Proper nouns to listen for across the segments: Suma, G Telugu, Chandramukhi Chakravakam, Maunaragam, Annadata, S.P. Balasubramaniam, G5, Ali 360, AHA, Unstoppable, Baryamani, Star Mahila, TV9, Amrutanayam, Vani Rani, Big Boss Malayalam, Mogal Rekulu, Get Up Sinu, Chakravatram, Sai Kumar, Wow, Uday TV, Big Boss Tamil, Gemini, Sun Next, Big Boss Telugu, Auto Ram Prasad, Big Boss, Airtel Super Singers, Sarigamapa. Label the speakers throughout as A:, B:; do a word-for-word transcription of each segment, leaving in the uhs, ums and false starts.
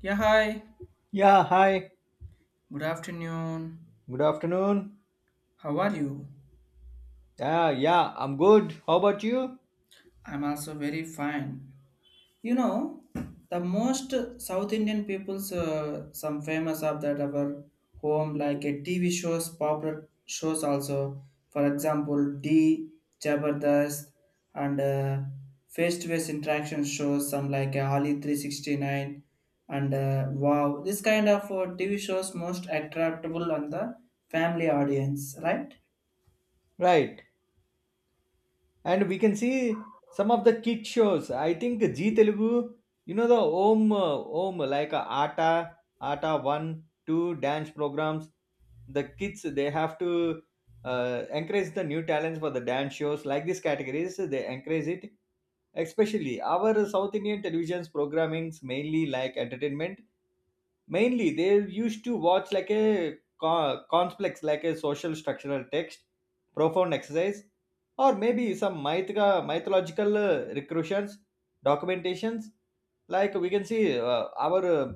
A: Yeah, hi.
B: Yeah, hi.
A: Good afternoon.
B: Good afternoon.
A: How are you?
B: Yeah, yeah, I'm good. How about you?
A: I'm also very fine. You know, the most South Indian people's uh, some famous of that our home like a T V shows, popular shows also. For example, D, Jabardast, and uh, face-to-face interaction shows some like uh, Ali three sixty-nine and uh, Wow. This kind of uh, T V shows most attractable on the family audience, right?
B: Right. And we can see some of the kid shows. I think G Telugu, you know the Om, uh, Om, like uh, Aata, Aata one, two dance programs. The kids, they have to uh, encourage the new talents for the dance shows. Like these categories, they encourage it. Especially our South Indian television's programmings mainly like entertainment, mainly they used to watch like a co- complex like a social structural text, profound exercise, or maybe some mythica, mythological uh, recursions, documentations. Like we can see uh, our uh,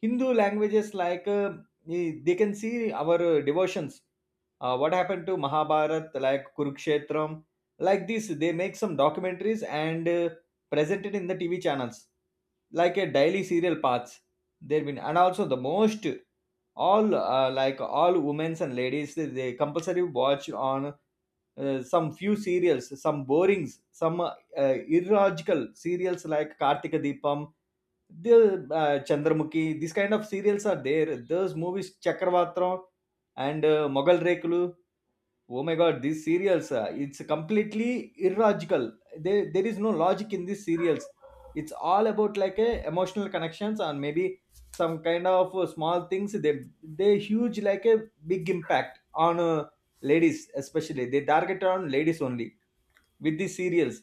B: hindu languages like uh, eh, they can see our uh, devotions, uh, what happened to mahabharat like kurukshetram. Like this they make some documentaries and uh, present it in the tv channels like a daily serial paths, there been. And also the most all uh, like all women's and ladies, they they compulsory watch on uh, some few serials, some borings, some uh, uh, illogical serials like kartika deepam, the uh, chandramukhi, these kind of serials are there, those movies chakravatram and uh, mogal rekulu. Oh my god, these serials, uh, it's completely illogical. There, there is no logic in these serials. It's all about like a emotional connections and maybe some kind of uh, small things. They, they huge like a big impact on uh, ladies, especially. They target on ladies only with these serials.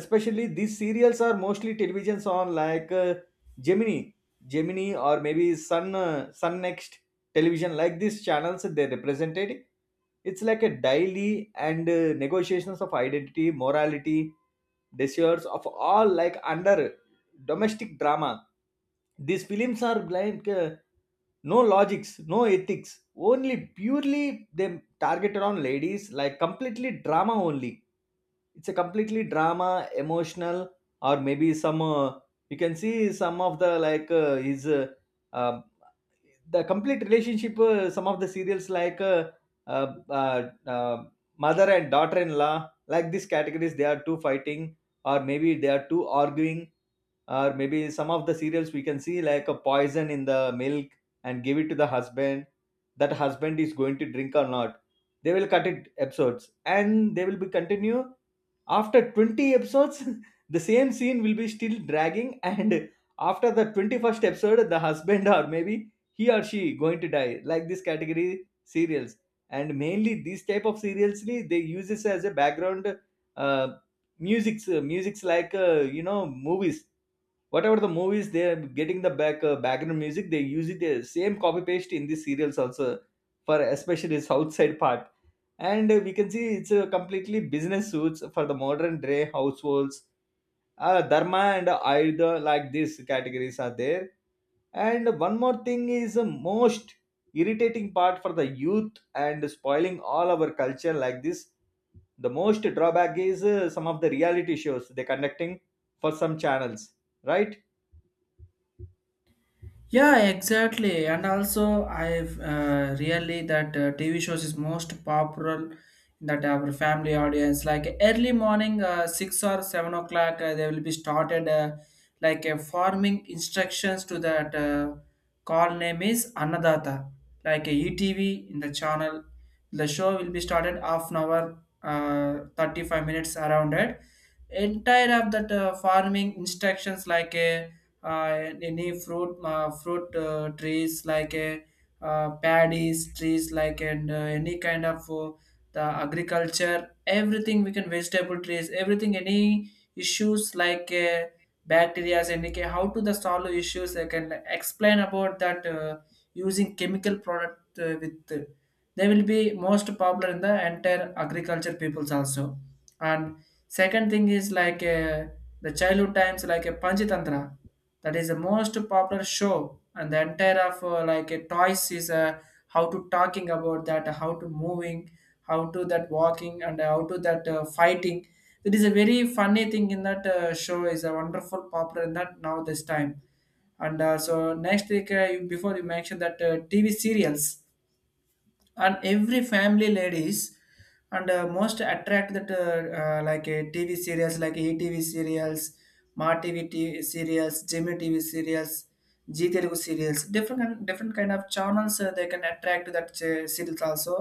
B: Especially these serials are mostly televisions on like uh, gemini, gemini or maybe sun uh, sun next television, like these channels they represented. It's like a daily, and uh, negotiations of identity, morality, desires of all like under domestic drama. These films are like uh, no logics, no ethics, only purely they targeted on ladies like completely drama only. It's a completely drama, emotional, or maybe some uh, you can see some of the like uh, his uh, um the complete relationship. Uh, some of the serials like uh, uh, uh, uh, mother and daughter in law, like these categories they are two fighting or maybe they are two arguing. Or maybe some of the cereals we can see like a poison in the milk and give it to the husband, that husband is going to drink or not. They will cut it episodes and they will be continue after twenty episodes the same scene will be still dragging, and after the twenty-first episode the husband or maybe he or she going to die, like this category serials. And mainly these type of serials they use this as a background uh, musics. Uh, musics like uh, you know movies, whatever the movies they are getting the back uh, background music, they use it the same copy paste in the serials also, for especially its outside part. And uh, we can see it's uh, completely business suits for the modern day households. Uh, dharma and ayurveda, like these categories are there. And one more thing is the most irritating part for the youth and spoiling all our culture like this. The most drawback is uh, some of the reality shows they conducting for some channels, right?
A: Yeah, exactly. And also, I've uh, really that uh, T V shows is most popular in that our family audience. Like early morning, uh, six or seven o'clock, uh, they will be started uh, like uh, forming instructions to that uh, call name is Annadata, like a E T V in the channel. The show will be started half an hour, uh, thirty five minutes around it. Entire of that uh, forming instructions like a uh, any fruit uh, fruit uh, trees like a uh, paddies trees like and uh, any kind of uh, the agriculture everything we can vegetable trees everything any issues like uh, bacteria any ca- how to the solve issues I can explain about that uh, using chemical product uh, with uh, they will be most popular in the entire agriculture peoples also. And second thing is like uh, the childhood times like a panchitantra, that is the most popular show. And the entire of uh, like a toys is uh, how to talking about that, how to moving, how to that walking, and how to that uh, fighting. It is a very funny thing in that uh, show, is a wonderful popular in that now this time. And uh, so next week, uh, you, before you mentioned that uh, TV serials, and every family ladies, and uh, most attract that uh, uh, like a TV series, like ETV serials, Ma TV t- serials, Jimmy TV serials, G Telugu serials, different kind- different kind of channels, uh, they can attract that uh, series also.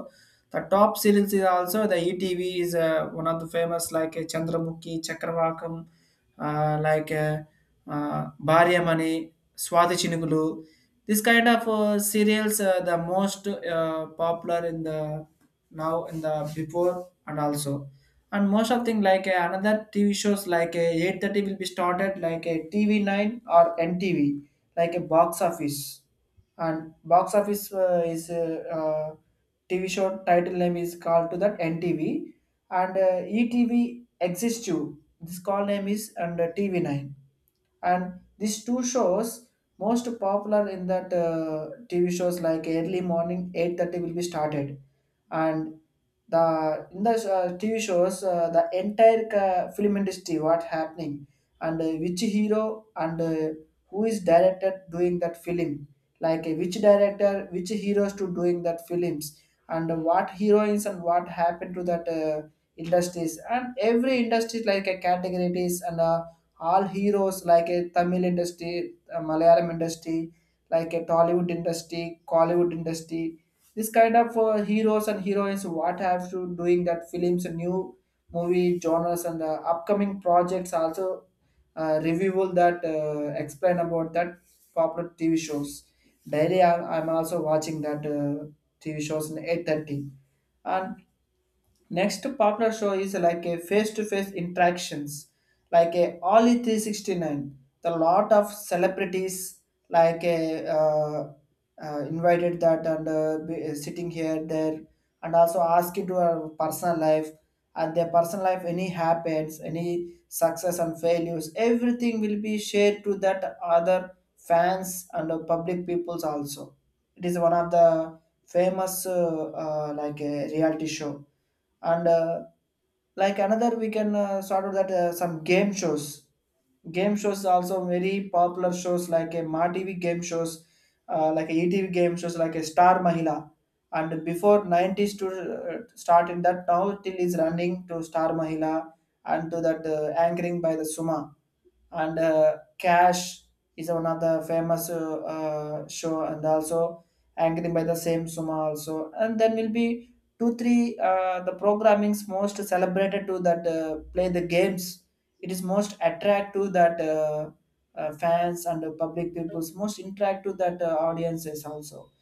A: The top serials is also the ETV, is uh, one of the famous, like uh, chandramukhi chakravakam, uh, like uh, uh, Baryamani, Swathi Chinugulu. This kind of uh, serials are the most uh, popular in the now in the before and also. And most of thing, like uh, another T V shows like uh, eight thirty will be started, like a T V nine or N T V, like a box office. And box office uh, is uh, uh, T V show title name is called to that N T V. And uh, E T V exists too. This call name is, and uh, T V nine. And these two shows most popular in that uh, T V shows, like early morning eight thirty will be started. And the in the uh, T V shows uh, the entire uh, film industry what happening, and uh, which hero, and uh, who is directed doing that film, like uh, which director, which heroes to doing that films, and what heroines, and what happened to that uh, industries, and every industry like a category it is. And uh, all heroes, like a Tamil industry, uh, Malayalam industry, like a Tollywood industry, Collywood industry. This kind of uh, heroes and heroines what have to doing that films, new movie genres, and uh, upcoming projects also, uh, review that uh, explain about that popular T V shows. Daily, I'm, I'm also watching that uh, T V shows in eight thirty. And next partner show is like a face-to-face interactions, like a Ollie three six nine. The lot of celebrities like a uh, uh, invited that, and uh, be, uh, sitting here there, and also asking to our personal life, and their personal life, any happens, any success and failures, everything will be shared to that other fans and uh, public peoples also. It is one of the famous uh, uh, like a reality show. And uh, like another, we can uh, sort of that uh, some game shows game shows also very popular shows, like a Ma T V game shows, uh, like a E T V game shows, like a Star Mahila. And before nineties to uh, start in that, now till is running to Star Mahila, and to that uh, anchoring by the Suma. And uh, Cash is one of the famous uh, uh, show, and also Angry by the same Suma also. And then will be two three uh, the programming's most celebrated to that uh, play the games. It is most attract to that uh, uh, fans and the public people's most interact to that uh, audiences also.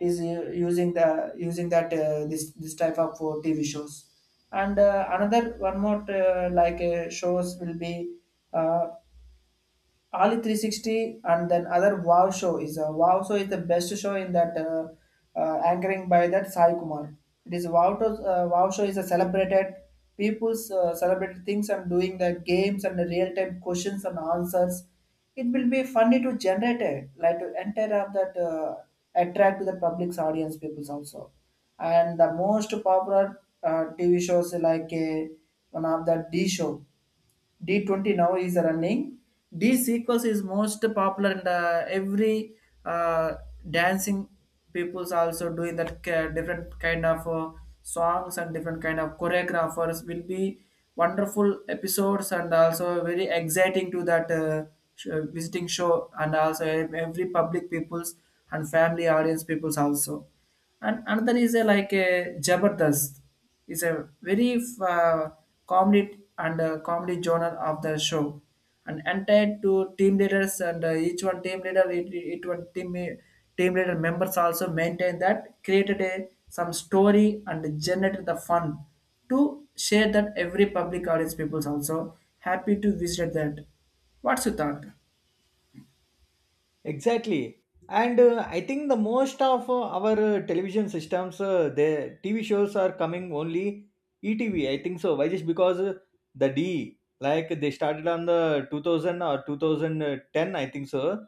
A: It is uh, using the using that uh, this this type of uh, T V shows, and uh, another one more uh, like uh, shows will be. Uh, Ali three sixty, and then other Wow show is a Wow show is the best show in that uh, uh, anchoring by that Sai Kumar. It is Wow to, uh, Wow show is a celebrated people's uh, celebrated things, and doing the games and the real time questions and answers. It will be funny to generate it, like to enter up that uh, attract to the public's audience peoples also. And the most popular uh, T V shows, like uh, one of the D show, D twenty now is running. This sequence is most popular in the every uh, dancing people's also doing that ca- different kind of uh, songs, and different kind of choreographers, will be wonderful episodes and also very exciting to that uh, sh- uh, visiting show, and also ev- every public people's and family audience people's also. And another is a, like a Jabardast. It's a very uh, comedy, and uh, comedy genre of the show, and entire to team leaders, and uh, each one team leader, each it one team team leader members also maintain that created a some story and generated the fun to share that every public audience peoples also happy to visit that. What's your thought?
B: Exactly. And uh, I think the most of uh, our uh, television systems, uh, the T V shows are coming only E T V, I think so. Why? Just because uh, the D, like they started on the two thousand or two thousand ten, I think so,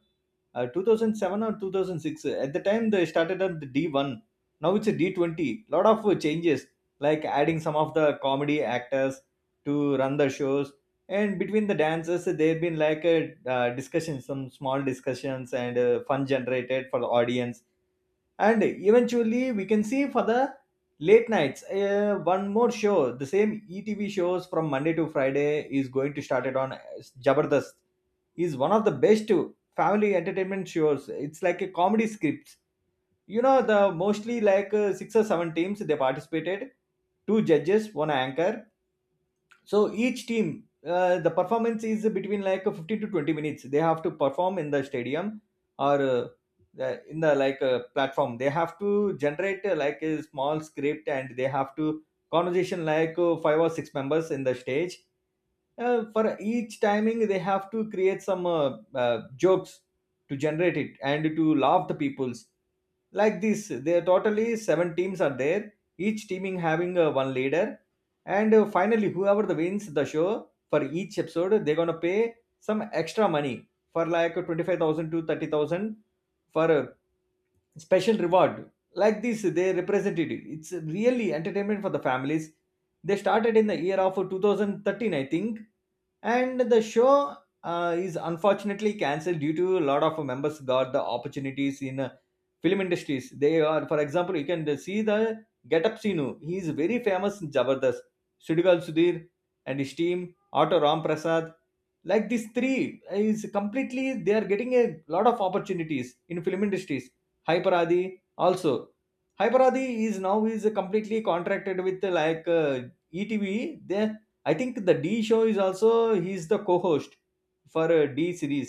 B: uh, two thousand seven or two thousand six. At the time they started at the d one, now it's a d twenty, lot of uh, changes like adding some of the comedy actors to run the shows. And between the dances there have been like a uh, discussion, some small discussions, and uh, fun generated for the audience. And eventually we can see for the late nights uh, one more show, the same etv shows from monday to friday is going to start it on uh, jabardast. Is one of the best family entertainment shows, it's like a comedy scripts. You know the mostly like uh, six or seven teams they participated, two judges, one anchor. So each team, uh, the performance is between like fifteen to twenty minutes they have to perform in the stadium or uh, the- in the like uh, platform. They have to generate uh, like a small script and they have to conversation like uh, five or six members in the stage. Uh, for each timing they have to create some uh, uh, jokes to generate it and to laugh the peoples. Like this there totally seven teams are there, each teaming having uh, one leader. And uh, finally, whoever the wins the show for each episode, they're gonna pay some extra money for like twenty five thousand to thirty thousand for a special reward. Like this, they represented it. It's really entertainment for the families. They started in the year of twenty thirteen, I think, and the show uh, is unfortunately cancelled due to a lot of members got the opportunities in uh, film industries. They are, for example, you can see the get up sinu, he is very famous in jabardast. Sudigal sudhir and his team, auto ram prasad, like these three is completely they are getting a lot of opportunities in film industries. Hyperadi also, hyperadi is now is completely contracted with uh, like uh, etv. They, I think the D show is also, he's the co-host for a D series.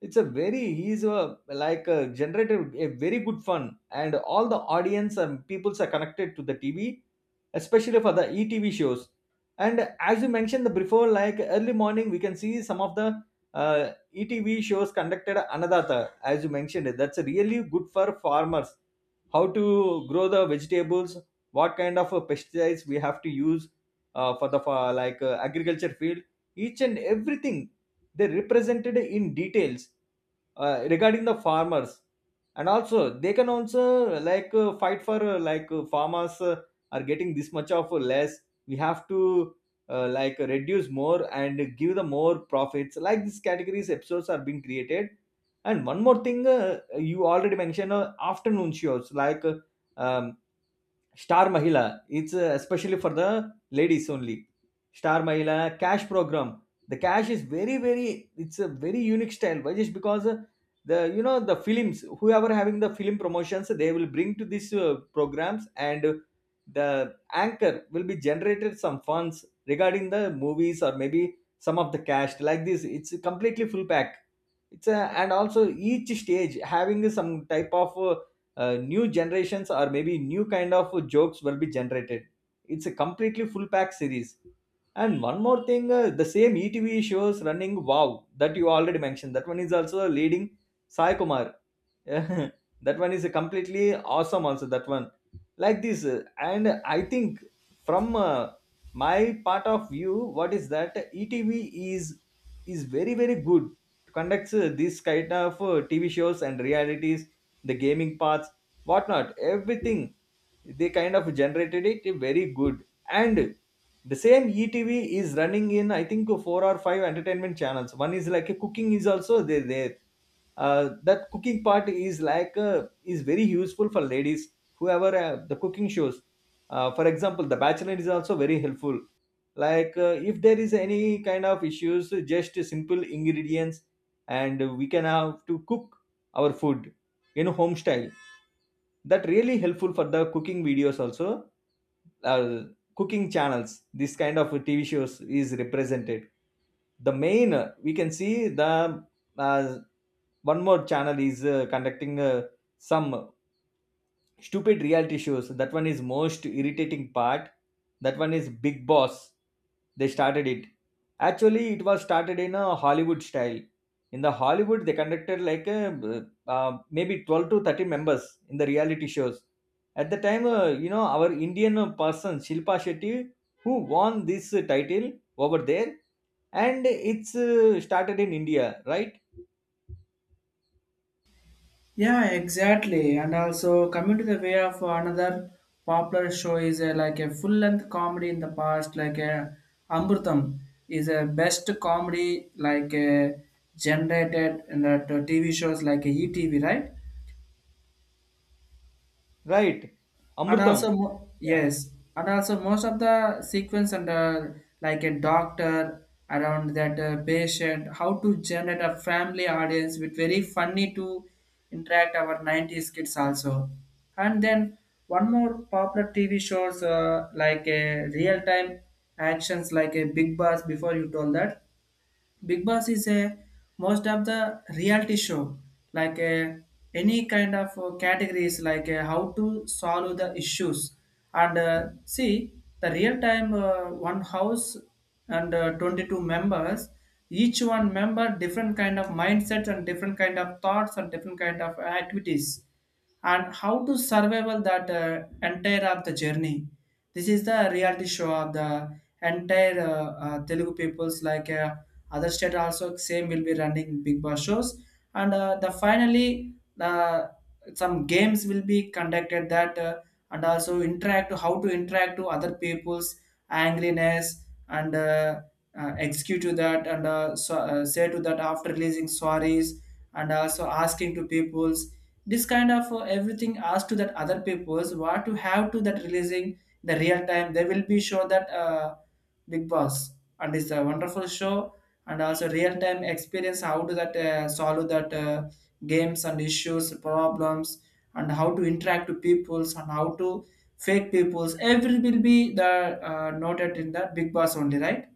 B: It's a very, he's a like a generated a very good fun, and all the audience and peoples are connected to the T V, especially for the E T V shows. And as you mentioned the before, like early morning, we can see some of the uh, E T V shows conducted, another as you mentioned. That's really good for farmers, how to grow the vegetables, what kind of uh, pesticides we have to use uh, for the for, like uh, agriculture field, each and everything they represented in details, uh, regarding the farmers. And also they can also uh, like uh, fight for uh, like uh, farmers uh, are getting this much of uh, less, we have to uh, like reduce more and give the more profits, like these categories episodes are being created. And one more thing, uh, you already mentioned uh, afternoon shows like uh, um, Star Mahila. It's uh, especially for the ladies only. Star Mahila cash program. The cash is very very, it's a very unique style. Why? Just because uh, the you know the films whoever having the film promotions they will bring to these uh, programs, and the anchor will be generated some funds regarding the movies or maybe some of the cash, like this. It's completely full pack, it's a, and also each stage having some type of uh, uh, new generations or maybe new kind of jokes will be generated. It's a completely full pack series. And one more thing, uh, the same etv shows running wow, that you already mentioned, that one is also leading, sai kumar that one is completely awesome also, that one. Like this uh, and I think from uh, my part of view, what is that etv is is very very good to conduct uh, this kind of uh, tv shows and realities, the gaming parts, whatnot, everything they kind of generated it very good. And the same etv is running in, I think, four or five entertainment channels. One is like a cooking is also there, there uh, that cooking part is like uh, is very useful for ladies, whoever uh, the cooking shows. Uh, for example the bachelor is also very helpful, like uh, if there is any kind of issues, just simple ingredients and we can have to cook our food in home style. That really helpful for the cooking videos also, uh, cooking channels. This kind of tv shows is represented. The main uh, we can see the uh, one more channel is uh, conducting uh, some stupid reality shows. That one is most irritating part, that one is big boss. They started it, actually it was started in a hollywood style. In the hollywood they conducted like a, uh, uh, maybe twelve to thirty members in the reality shows. At the time, uh, you know our indian person shilpa shetty, who won this title over there, and it's uh, started in india, right?
A: Yeah, exactly. And also coming to the way of another popular show is a, like a full length comedy in the past, like a Amrutam is a best comedy like a generated in the t- TV shows like a E T V, right?
B: right
A: And also
B: Amrutam.
A: mo- yes. And also most of the sequence under like a doctor around that uh, patient, how to generate a family audience with very funny to interact our nineties kids also. And then one more popular TV shows, uh, like a real time actions, like a big boss before you told that. Big Boss is a most of the reality show, like uh, any kind of uh, categories, like uh, how to solve the issues. And uh, see the real time uh, one house and uh, twenty two members, each one member different kind of mindsets and different kind of thoughts and different kind of activities, and how to survival that uh, entire of the journey. This is the reality show of the entire uh, uh, telugu peoples, like uh, other state also same will be running big boss shows. And uh, the finally uh, some games will be conducted that uh, and also interact, how to interact to other people's angriness, and uh, uh, execute to that, and uh, so, uh, say to that after releasing sorries, and also asking to peoples. This kind of uh, everything asked to that other people's what you have to that releasing, the real time they will be sure that uh, big boss. And it's a wonderful show, and also real time experience, how to that uh, solve that uh, games and issues problems, and how to interact to peoples, and how to fake peoples every will be the uh, noted in the big boss only, right?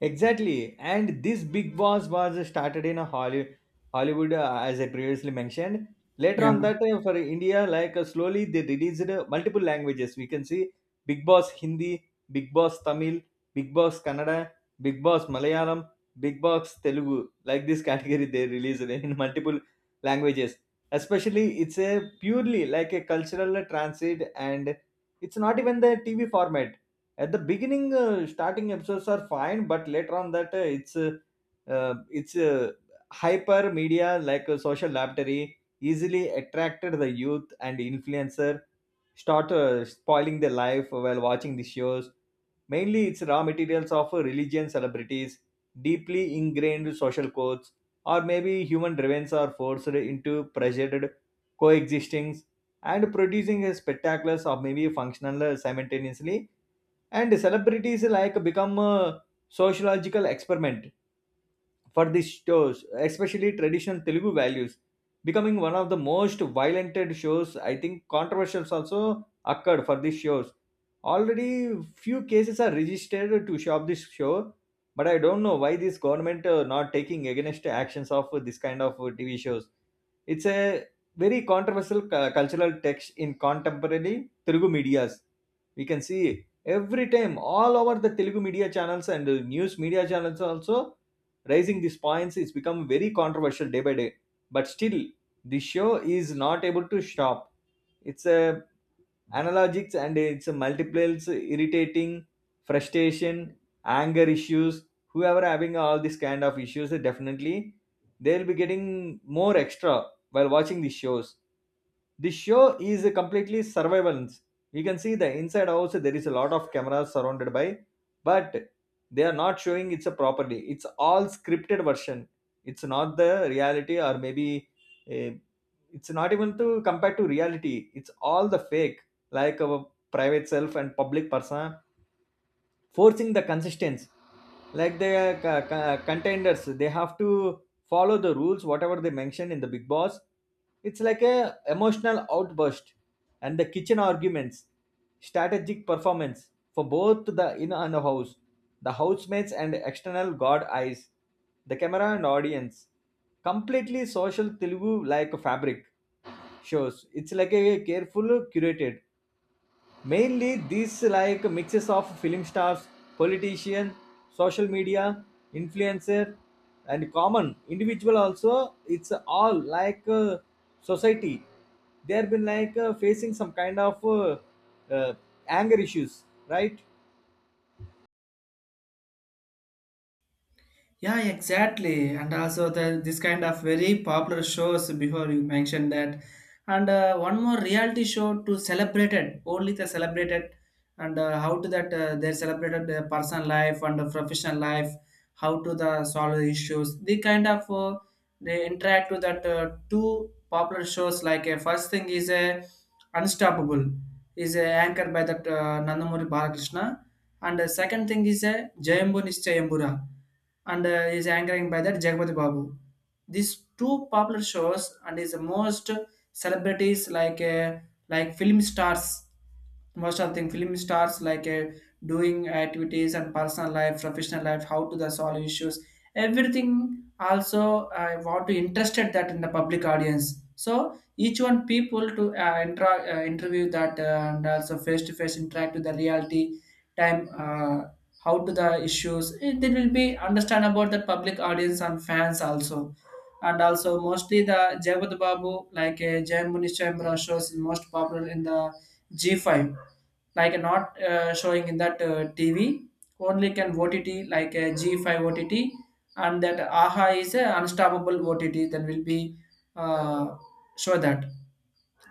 B: Exactly. And this Big Boss was started in a Holly, Hollywood, uh, as I previously mentioned. Later
A: Yeah.
B: on that, uh, for India, like uh, slowly they released uh, multiple languages. We can see Big Boss Hindi, Big Boss Tamil, Big Boss Kannada, Big Boss Malayalam, Big Boss Telugu. Like this category, they released in multiple languages. Especially, it's a purely like a cultural transit, and it's not even the T V format at the beginning. Uh, starting episodes are fine, but later on that uh, it's uh, uh, it's uh, hyper media, like uh, social laboratory, easily attracted the youth, and influencer start uh, spoiling their life while watching the shows. Mainly, it's raw materials of uh, religion celebrities, deeply ingrained social codes, or maybe human driven are forced into pressured coexistings and producing a spectaculars or maybe functional, uh, simultaneously, and celebrities like become a sociological experiment for these shows, especially traditional Telugu values, becoming one of the most violent shows. I think controversies also occurred for these shows. Already, few cases are registered to shop this show, but I don't know why this government uh, not taking against actions of this kind of uh, T V shows. It's a very controversial cu- cultural text in contemporary Telugu medias. We can see every time all over the Telugu media channels and uh, news media channels also. Raising these points is become very controversial day by day, but still the show is not able to stop. It's a analogics, and it's a multiples irritating frustration, anger issues. Whoever having all this kind of issues, they definitely they'll be getting more extra while watching these shows. This show is a completely surveillance. You can see the inside also, there is a lot of cameras surrounded by, but they are not showing it's a properly. It's all scripted version. It's not the reality, or maybe eh, it's not even to compare to reality, it's all the fake. Like our private self and public persona forcing the consistency, like the uh, co- co- contenders, they have to follow the rules whatever they mention in the Big Boss. It's like a emotional outburst and the kitchen arguments, strategic performance for both the inner and the house, the housemates and external god eyes, the camera and audience. Completely social Telugu like fabric shows. It's like a careful curated, mainly these like mixes of film stars, politician, social media influencer, and common individual also. It's all like uh, society. They have been like uh, facing some kind of uh, uh, anger issues, right?
A: Yeah, exactly. And also the this kind of very popular shows before you mentioned that. And uh, one more reality show to celebrate it, only the celebrated, and uh, how to that uh, they celebrated their personal life and the professional life, how to the solve the issues. The kind of uh, they interact with that uh, two popular shows, like a first thing is a Unstoppable, is uh, anchored by that uh, Nandamuri Balakrishna. And the second thing is uh, Jayambu Nischayambura, and uh, is anchoring by that Jagpati Babu. These two popular shows, and is the most celebrities, like uh, like film stars, most of them film stars, like uh, doing activities and personal life, professional life, how to the solve issues, everything. Also, I want to interested that in the public audience. So each one people to uh, intra- uh, interview that, uh, and also face to face interact with the reality time, uh, how to the issues it, they will be understand about the public audience and fans also. And also mostly the Jagat Babu, like uh, Jai Munishambra shows is most popular in the G five, like not uh, showing in that uh, T V, only can OTT, like a G five OTT. And that AHA is a unstoppable O T T, that will be uh, show that.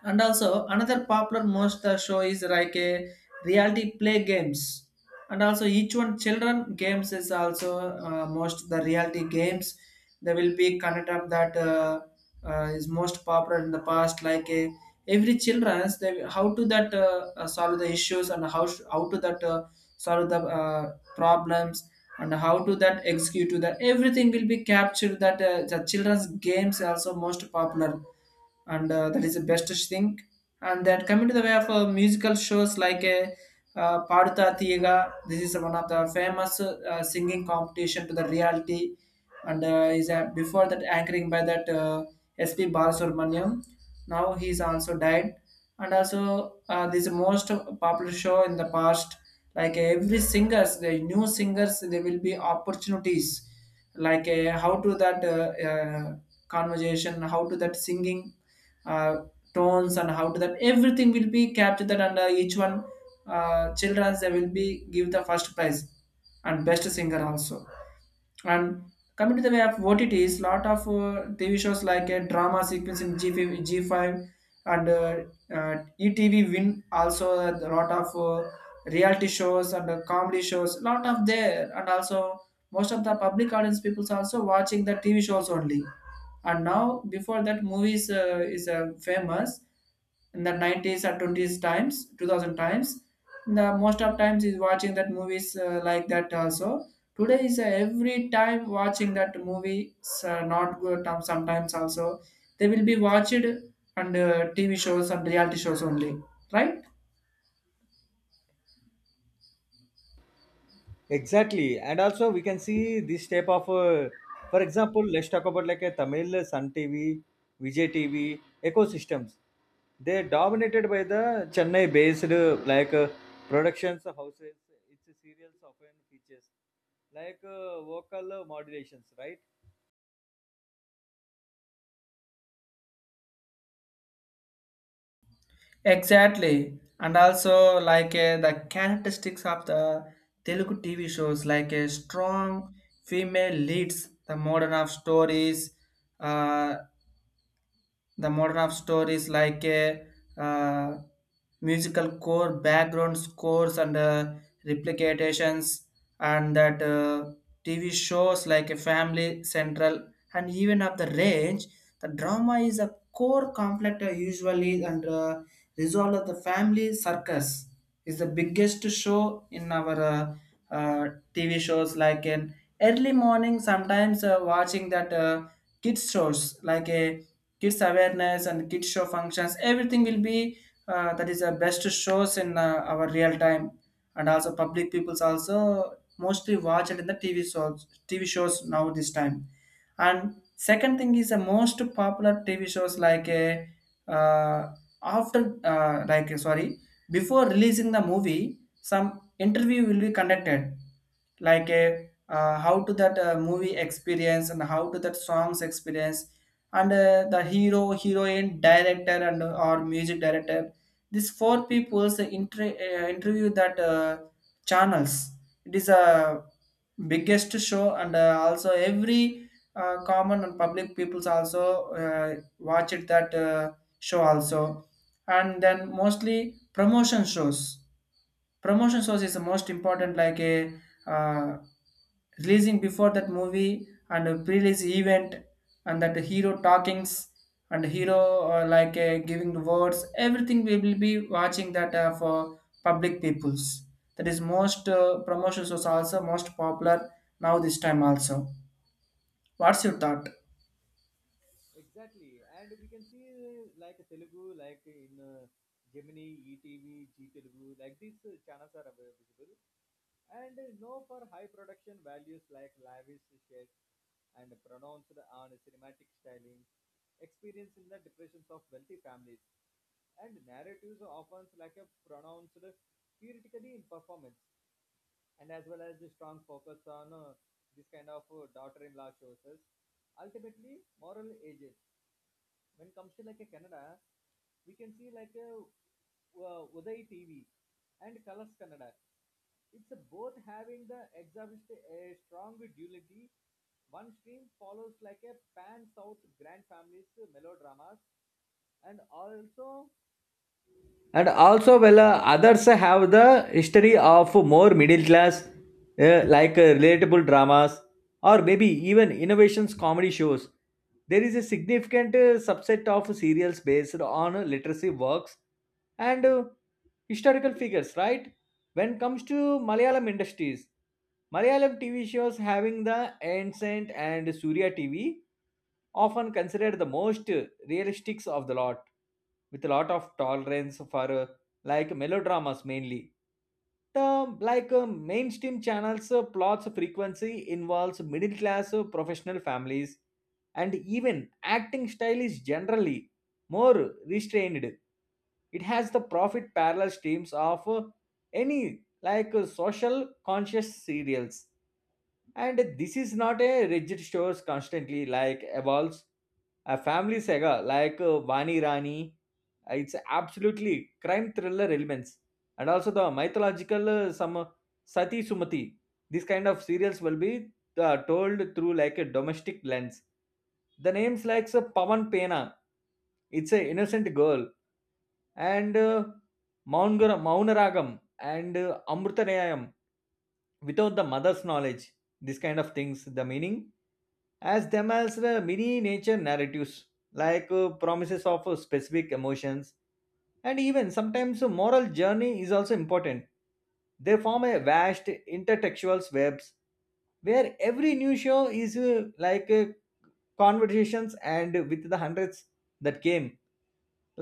A: And also another popular monster show is like a reality play games. And also each one children games is also uh, most the reality games. They will be connect up that uh, uh, is most popular in the past. Like a every childrens, they how to that uh, uh, solve the issues and how sh- how to that uh, solve the uh, problems and how to that execute to that everything will be captured that uh, the children's games also most popular, and uh, that is the best thing. And then coming to the way of uh, musical shows like a uh, Paduta Thiyaga, this is one of the famous uh, singing competition to the reality, and uh, is uh, before that anchoring by that uh, S P. Balasubramaniam. Now he is also died, and also uh, this is most popular show in the past. Like uh, every singers, the new singers, there will be opportunities, like uh, how to that uh, uh, conversation, how to that singing uh, tones, and how to that everything will be captured. And uh, each one uh, children's, they will be give the first prize and best singer also. And coming to the way of, what it is? Lot of uh, T V shows like a drama sequence in G five. G five and uh, uh, E T V win also a lot of uh, reality shows and uh, comedy shows lot of there. And also most of the public audience people's also watching the T V shows only. And now before that movies uh, is uh, famous in the nineties or twenties times, two thousand times, the most of times is watching that movies uh, like that also. Today is, uh, every time watching that movie is, uh, not good um, sometimes also they will be watched on uh, TV shows and reality shows only, right?
B: Exactly, and also we can see this type of, uh, for example, let's talk about like a Tamil Sun T V, Vijay T V ecosystems. They are dominated by the Chennai-based uh, like uh, productions houses. Its serials often features like uh, vocal modulations, right?
A: Exactly, and also like uh, the characteristics of the Telugu T V shows, like a strong female leads, the modern of stories, uh, the modern of store is like a uh, musical core, background scores, and uh, replications, and that uh, T V shows like a Family Central, and even of the range. The drama is a core conflict uh, usually, and uh, resolve of the family circus is the biggest show in our uh, uh, T V shows. Like in early morning, sometimes uh, watching that uh, kids shows like a kids awareness and kids show functions, everything will be, uh, that is the best shows in uh, our real time. And also public people's also mostly watch it in the tv shows, tv shows now this time. And second thing is the most popular tv shows like a uh, after uh, like uh, sorry, before releasing the movie, some interview will be conducted like a, uh, how to that uh, movie experience and how to that songs experience, and uh, the hero, heroine, director, and uh, or music director, these four people's inter- uh, interview that uh, channels. It is a biggest show. And uh, also every uh, common and public peoples also uh, watch it that uh, show also. And then mostly promotion shows, promotion shows is the most important. Like a, uh, releasing before that movie, and a pre-release event, and that hero talkings, and hero uh, like uh, giving the words, everything we will be watching that uh, for public peoples. That is most uh, promotions was also most popular now this time also. What's your thought?
B: Exactly, and we can see uh, like Telugu, like in uh, Gemini, E T V, G Telugu, like these uh, channels are avail- visible, and uh, know for high production values like lavish shades and pronounced on cinematic styling, experience in the depressions of wealthy families, and narratives are often like a pronounced theoretically in performance, and as well as the strong focus on uh, this kind of uh, daughter-in-law shows us ultimately moral ages. When it comes to like a Canada, we can see like a uh, Uday T V and Colors Kannada. It's a both having the exhibit a strong duality. One stream follows like a pan south grand families melodramas, and also and also well uh, others have the history of more middle class uh, like uh, relatable dramas or maybe even innovations comedy shows. There is a significant uh, subset of serials based on uh, literacy works and uh, historical figures, right? When it comes to Malayalam industries, Malayalam TV shows having the ancient and Surya TV, often considered the most realistic of the lot, with a lot of tolerance for uh, like melodramas mainly. The like uh, mainstream channels uh, plots frequency involves middle class uh, professional families, and even acting style is generally more restrained. It has the profit parallel streams of uh, any like uh, social conscious serials, and this is not a rigid stores, constantly like evolves. A family saga like uh, Vani Rani, uh, it's absolutely crime thriller elements. And also the mythological uh, some uh, Sati Sumati. These kind of serials will be uh, told through like a domestic lens. The names like uh, Pavan Pena, it's an innocent girl, and uh, Maungar- Maunaragam and uh, Amrutanayam, without the mother's knowledge, this kind of things, the meaning as them as the mini nature narratives, like uh, promises of uh, specific emotions, and even sometimes a moral journey is also important. They form a vast intertextual webs, where every new show is uh, like uh, conversations and with the hundreds that came,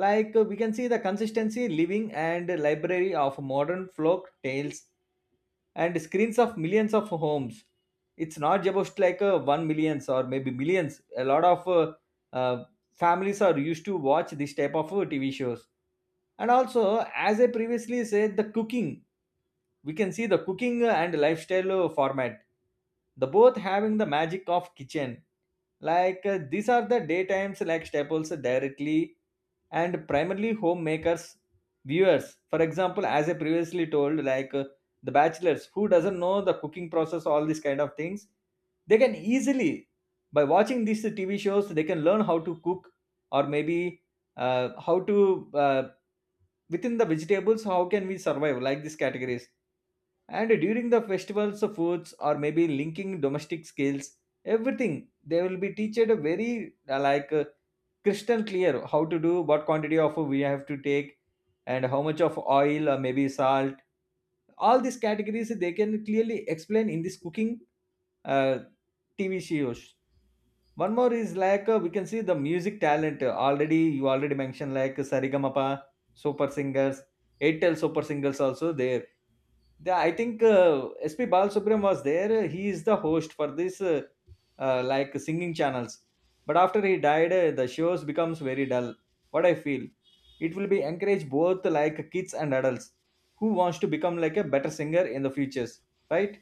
B: like uh, we can see the consistency living and library of modern folk tales and screens of millions of homes. It's not just like uh, one millions or maybe millions, a lot of uh, uh, families are used to watch this type of uh, TV shows. And also, as I previously said, the cooking, we can see the cooking and lifestyle uh, format, the both having the magic of kitchen, like uh, these are the daytimes like staples uh, directly, and primarily homemakers viewers. For example, as I previously told, like uh, the bachelors who doesn't know the cooking process, all these kind of things, they can easily by watching these TV shows, they can learn how to cook, or maybe uh, how to uh, within the vegetables, how can we survive, like these categories. And during the festivals of foods, or maybe linking domestic skills, everything, they will be teached a very uh, like uh, crystal clear, how to do, what quantity of we have to take, and how much of oil or maybe salt, all these categories they can clearly explain in this cooking uh, TV shows. One more is like uh, we can see the music talent. Uh, already you already mentioned like sarigamapa, super singers, airtel super singers also there. the, I think uh, S P Balasubramanian was there. He is the host for this uh, uh, like singing channels. But after he died, uh, the shows becomes very dull. What I feel, it will be encourage both like kids and adults who wants to become like a better singer in the futures, right?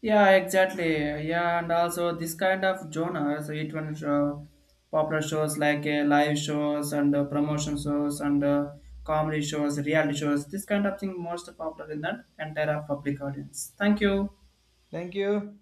A: Yeah, exactly. Yeah, and also this kind of genres, it one uh, popular shows like uh, live shows and uh, promotion shows and uh, comedy shows, reality shows. This kind of thing most popular in that entire public audience. Thank you.
B: Thank you.